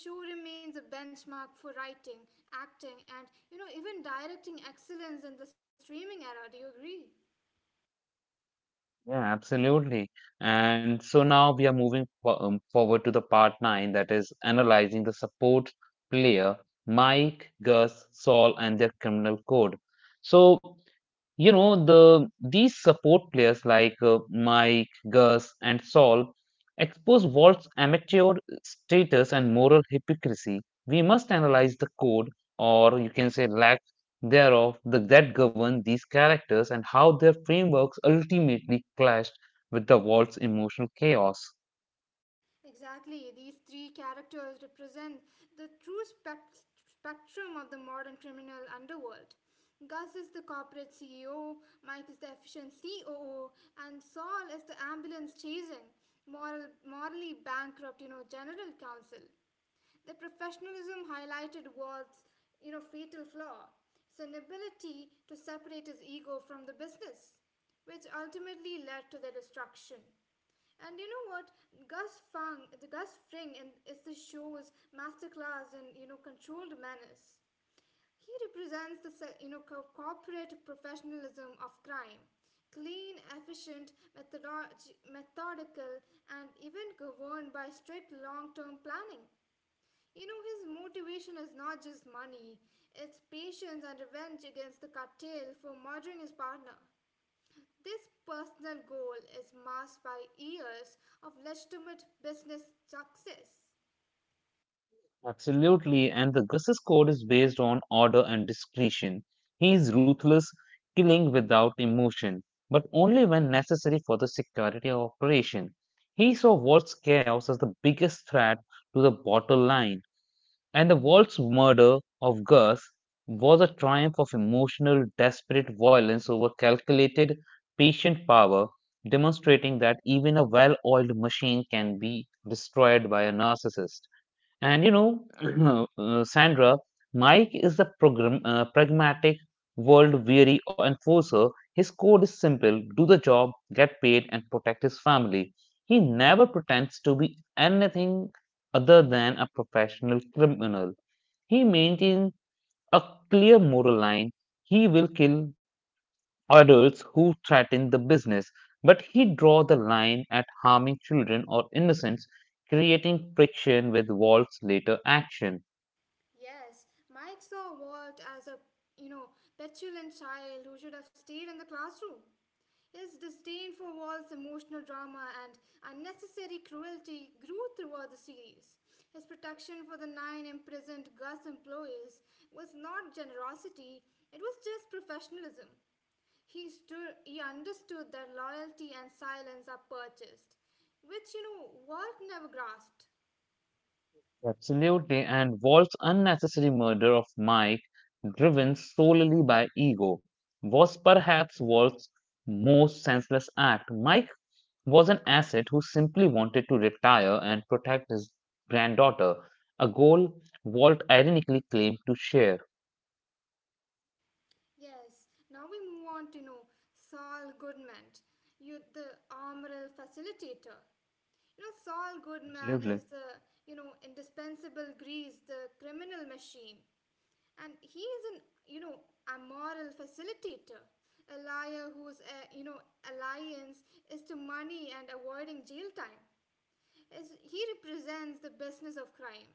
Speaker 2: The show remains a benchmark for writing, acting, and, even directing excellence in the streaming era. Do you agree?
Speaker 1: Yeah, absolutely. And so now we are moving forward to the part nine that is analyzing the support player Mike, Gus, Saul, and their criminal code. So You know, the these support players like Mike, Gus, and Saul expose Walt's amateur status and moral hypocrisy. We must analyze the code, or you can say lack thereof, that govern these characters and how their frameworks ultimately clashed with the Walt's emotional chaos.
Speaker 2: Exactly, these three characters represent the spectrum of the modern criminal underworld. Gus is the corporate CEO, Mike is the efficient COO, and Saul is the ambulance chasing, morally bankrupt, general counsel. The professionalism highlighted was, fatal flaw. His inability to separate his ego from the business, which ultimately led to their destruction. And you know what? Gus Fring, the Gus Fring, in, is the show's masterclass in controlled menace. He represents the you know corporate professionalism of crime, clean, efficient, methodical, and even governed by strict long-term planning. You know, his motivation is not just money, it's patience and revenge against the cartel for murdering his partner. This personal goal is masked by years of legitimate business success.
Speaker 1: Absolutely, and the Gus's code is based on order and discretion. He is ruthless, killing without emotion, but only when necessary for the security of operation. He saw Walt's chaos as the biggest threat to the bottom line, and the Walt's murder of Gus was a triumph of emotional, desperate violence over calculated, patient power, demonstrating that even a well-oiled machine can be destroyed by a narcissist. Sandra, Mike is the pragmatic, world weary enforcer. His code is simple do the job, get paid, and protect his family. He never pretends to be anything other than a professional criminal. He maintains a clear moral line. He will kill adults who threaten the business, but he draws the line at harming children or innocents, creating friction with Walt's later action.
Speaker 2: Yes, Mike saw Walt as a, you know, petulant child who should have stayed in the classroom. His disdain for Walt's emotional drama and unnecessary cruelty grew throughout the series. His protection for the nine imprisoned Gus employees was not generosity, it was just professionalism. He understood that loyalty and silence are purchased, which, Walt never grasped.
Speaker 1: Absolutely, and Wolf's unnecessary murder of Mike, driven solely by ego, was perhaps Wolf's most senseless act. Mike was an asset who simply wanted to retire and protect his granddaughter, a goal Walt ironically claimed to share.
Speaker 2: Yes, now we move on to know Saul Goodman, you the Amaral facilitator. You know, Saul Goodman
Speaker 1: Absolutely.
Speaker 2: is the, indispensable grease, the criminal machine. And he is an, you know, amoral facilitator, a liar whose, alliance is to money and avoiding jail time is he represents the business of crime.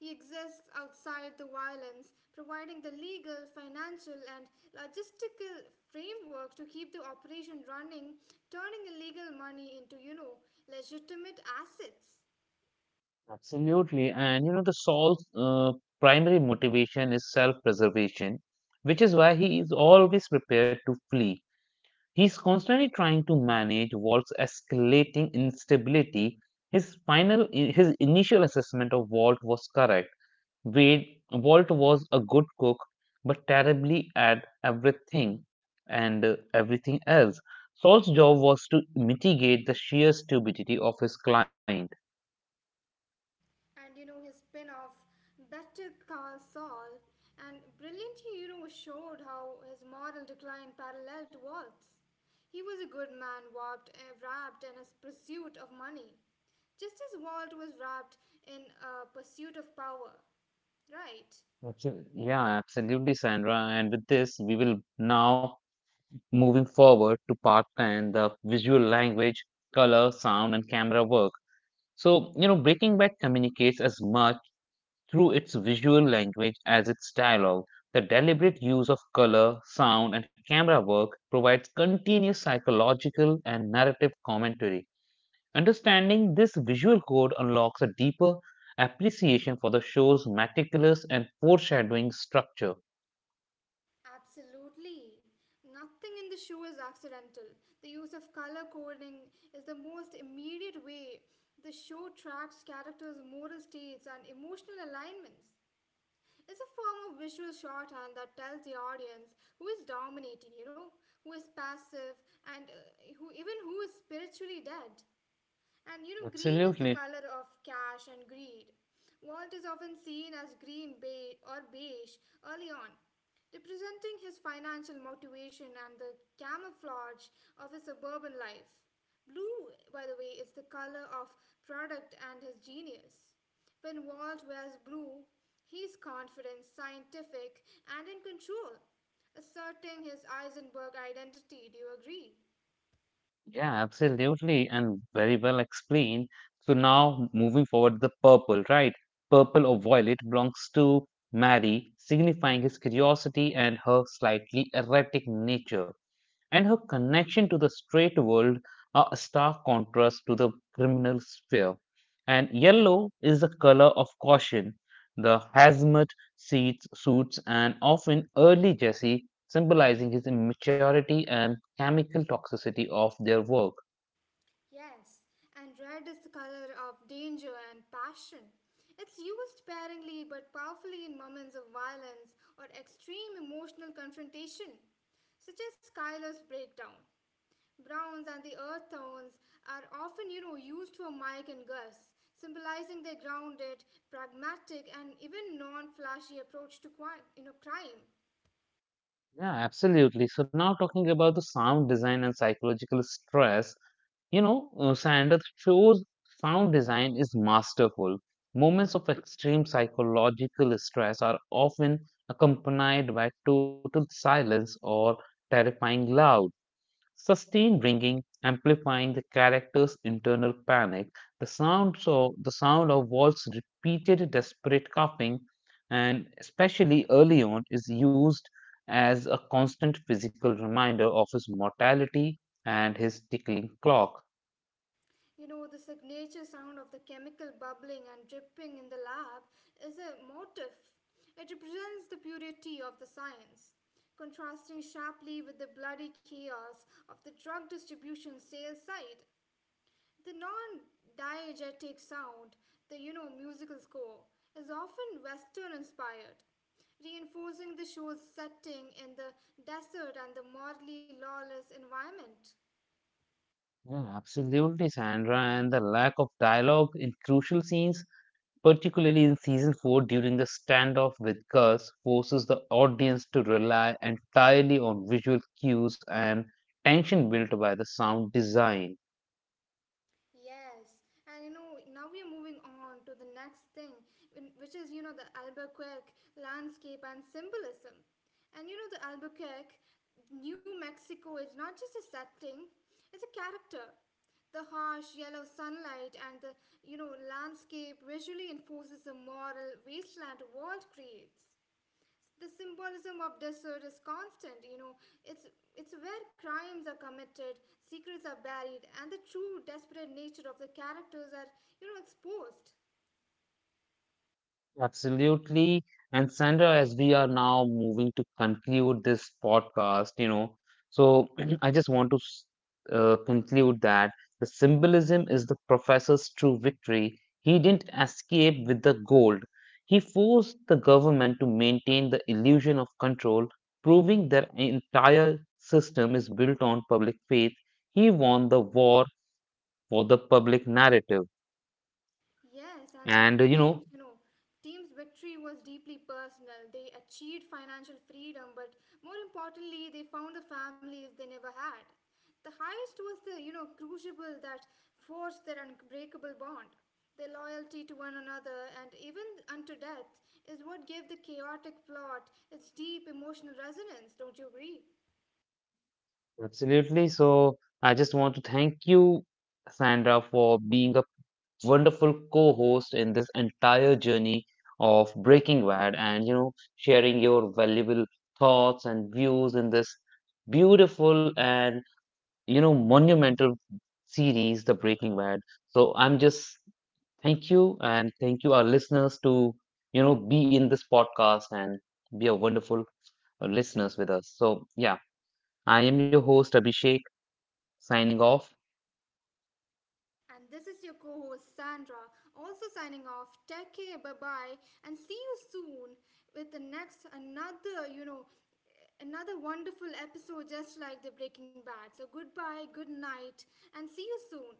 Speaker 2: He exists outside the violence, providing the legal, financial, and logistical framework to keep the operation running, turning illegal money into, legitimate assets.
Speaker 1: Absolutely. The Saul's primary motivation is self preservation, which is why he is always prepared to flee. He's constantly trying to manage Walt's escalating instability. His initial assessment of Walt was correct. Wade, Walt was a good cook, but terribly at everything and everything else. Saul's job was to mitigate the sheer stupidity of his client.
Speaker 2: And you know, his spin off, Better Call Saul, and brilliantly, showed how his moral decline paralleled Walt's. He was a good man, wrapped in his pursuit of money. Just as Walt was wrapped in a pursuit of power, right?
Speaker 1: Yeah, absolutely, Sandra. And with this, we will now moving forward to part 10, the visual language, color, sound, and camera work. So, you know, Breaking Bad communicates as much through its visual language as its dialogue. The deliberate use of color, sound, and camera work provides continuous psychological and narrative commentary. Understanding this visual code unlocks a deeper appreciation for the show's meticulous and foreshadowing structure.
Speaker 2: Absolutely. Nothing in the show is accidental. The use of color coding is the most immediate way the show tracks characters' moral states and emotional alignments. It's a form of visual shorthand that tells the audience who is dominating, who is passive, and who even who is spiritually dead. And you know, green is the
Speaker 1: Absolutely.
Speaker 2: color of cash and greed. Walt is often seen as green beige or beige early on, representing his financial motivation and the camouflage of his suburban life. Blue, by the way, is the color of product and his genius. When Walt wears blue, he's confident, scientific, and in control, asserting his Eisenberg identity. Do you agree?
Speaker 1: Yeah, absolutely, and very well explained. So now moving forward, the purple, right? Purple or violet belongs to Mary, signifying his curiosity and her slightly erratic nature and her connection to the straight world are a stark contrast to the criminal sphere. And yellow is the color of caution, the hazmat seats, suits, and often early Jesse, symbolizing his immaturity and chemical toxicity of their work.
Speaker 2: Yes, and red is the color of danger and passion. It's used sparingly but powerfully in moments of violence or extreme emotional confrontation, such as Skylar's breakdown. Browns and the earth tones are often, used for Mike and Gus, symbolizing their grounded, pragmatic, and even non-flashy approach to you know, crime.
Speaker 1: Yeah, absolutely. So now talking about the sound design and psychological stress, you know, Sanders shows sound design is masterful. Moments of extreme psychological stress are often accompanied by total silence or terrifying loud. Sustained ringing, amplifying the character's internal panic, the sound of Walt's repeated desperate coughing, and especially early on, is used as a constant physical reminder of his mortality and his tickling clock.
Speaker 2: You know, the signature sound of the chemical bubbling and dripping in the lab is a motif. It represents the purity of the science, contrasting sharply with the bloody chaos of the drug distribution sales side. The non diegetic sound, the musical score, is often Western inspired, reinforcing the show's setting in the desert and the morally lawless environment.
Speaker 1: Yeah, absolutely, Sandra, and the lack of dialogue in crucial scenes particularly in season 4 during the standoff with Gus, forces the audience to rely entirely on visual cues and tension built by the sound design.
Speaker 2: Yes, and you know, now we are moving on to the next thing, which is, the Albuquerque landscape and symbolism. And you know, the Albuquerque, New Mexico is not just a setting, it's a character. The harsh yellow sunlight and the, landscape visually enforces the moral wasteland world creates the symbolism of desert is constant you know it's it's where crimes are committed secrets are buried and the true desperate nature of the characters are you know exposed.
Speaker 1: Absolutely. And Sandra, as we are now moving to conclude this podcast, you know, so I just want to conclude that the symbolism is the professor's true victory. He didn't escape with the gold. He forced the government to maintain the illusion of control, proving their entire system is built on public faith. He won the war for the public narrative.
Speaker 2: Yes, and then
Speaker 1: And, uh, you know,
Speaker 2: teams, team's victory was deeply personal. They achieved financial freedom, but more importantly, they found the families they never had. The highest was the, crucible that forged their unbreakable bond. Their loyalty to one another and even unto death is what gave the chaotic plot its deep emotional resonance, don't you agree?
Speaker 1: Absolutely. So I just want to thank you, Sandra, for being a wonderful co-host in this entire journey of Breaking Bad and, you know, sharing your valuable thoughts and views in this beautiful and, you know, monumental series, The Breaking Bad. So I'm just thank you and thank you our listeners to, you know, be in this podcast and be a wonderful listeners with us. So yeah, I am your host, Abhishek signing off
Speaker 2: And this is your co host Sandra, also signing off. Take care, bye bye, and see you soon with the next another, another wonderful episode just like the Breaking Bad. So goodbye, good night, and see you soon.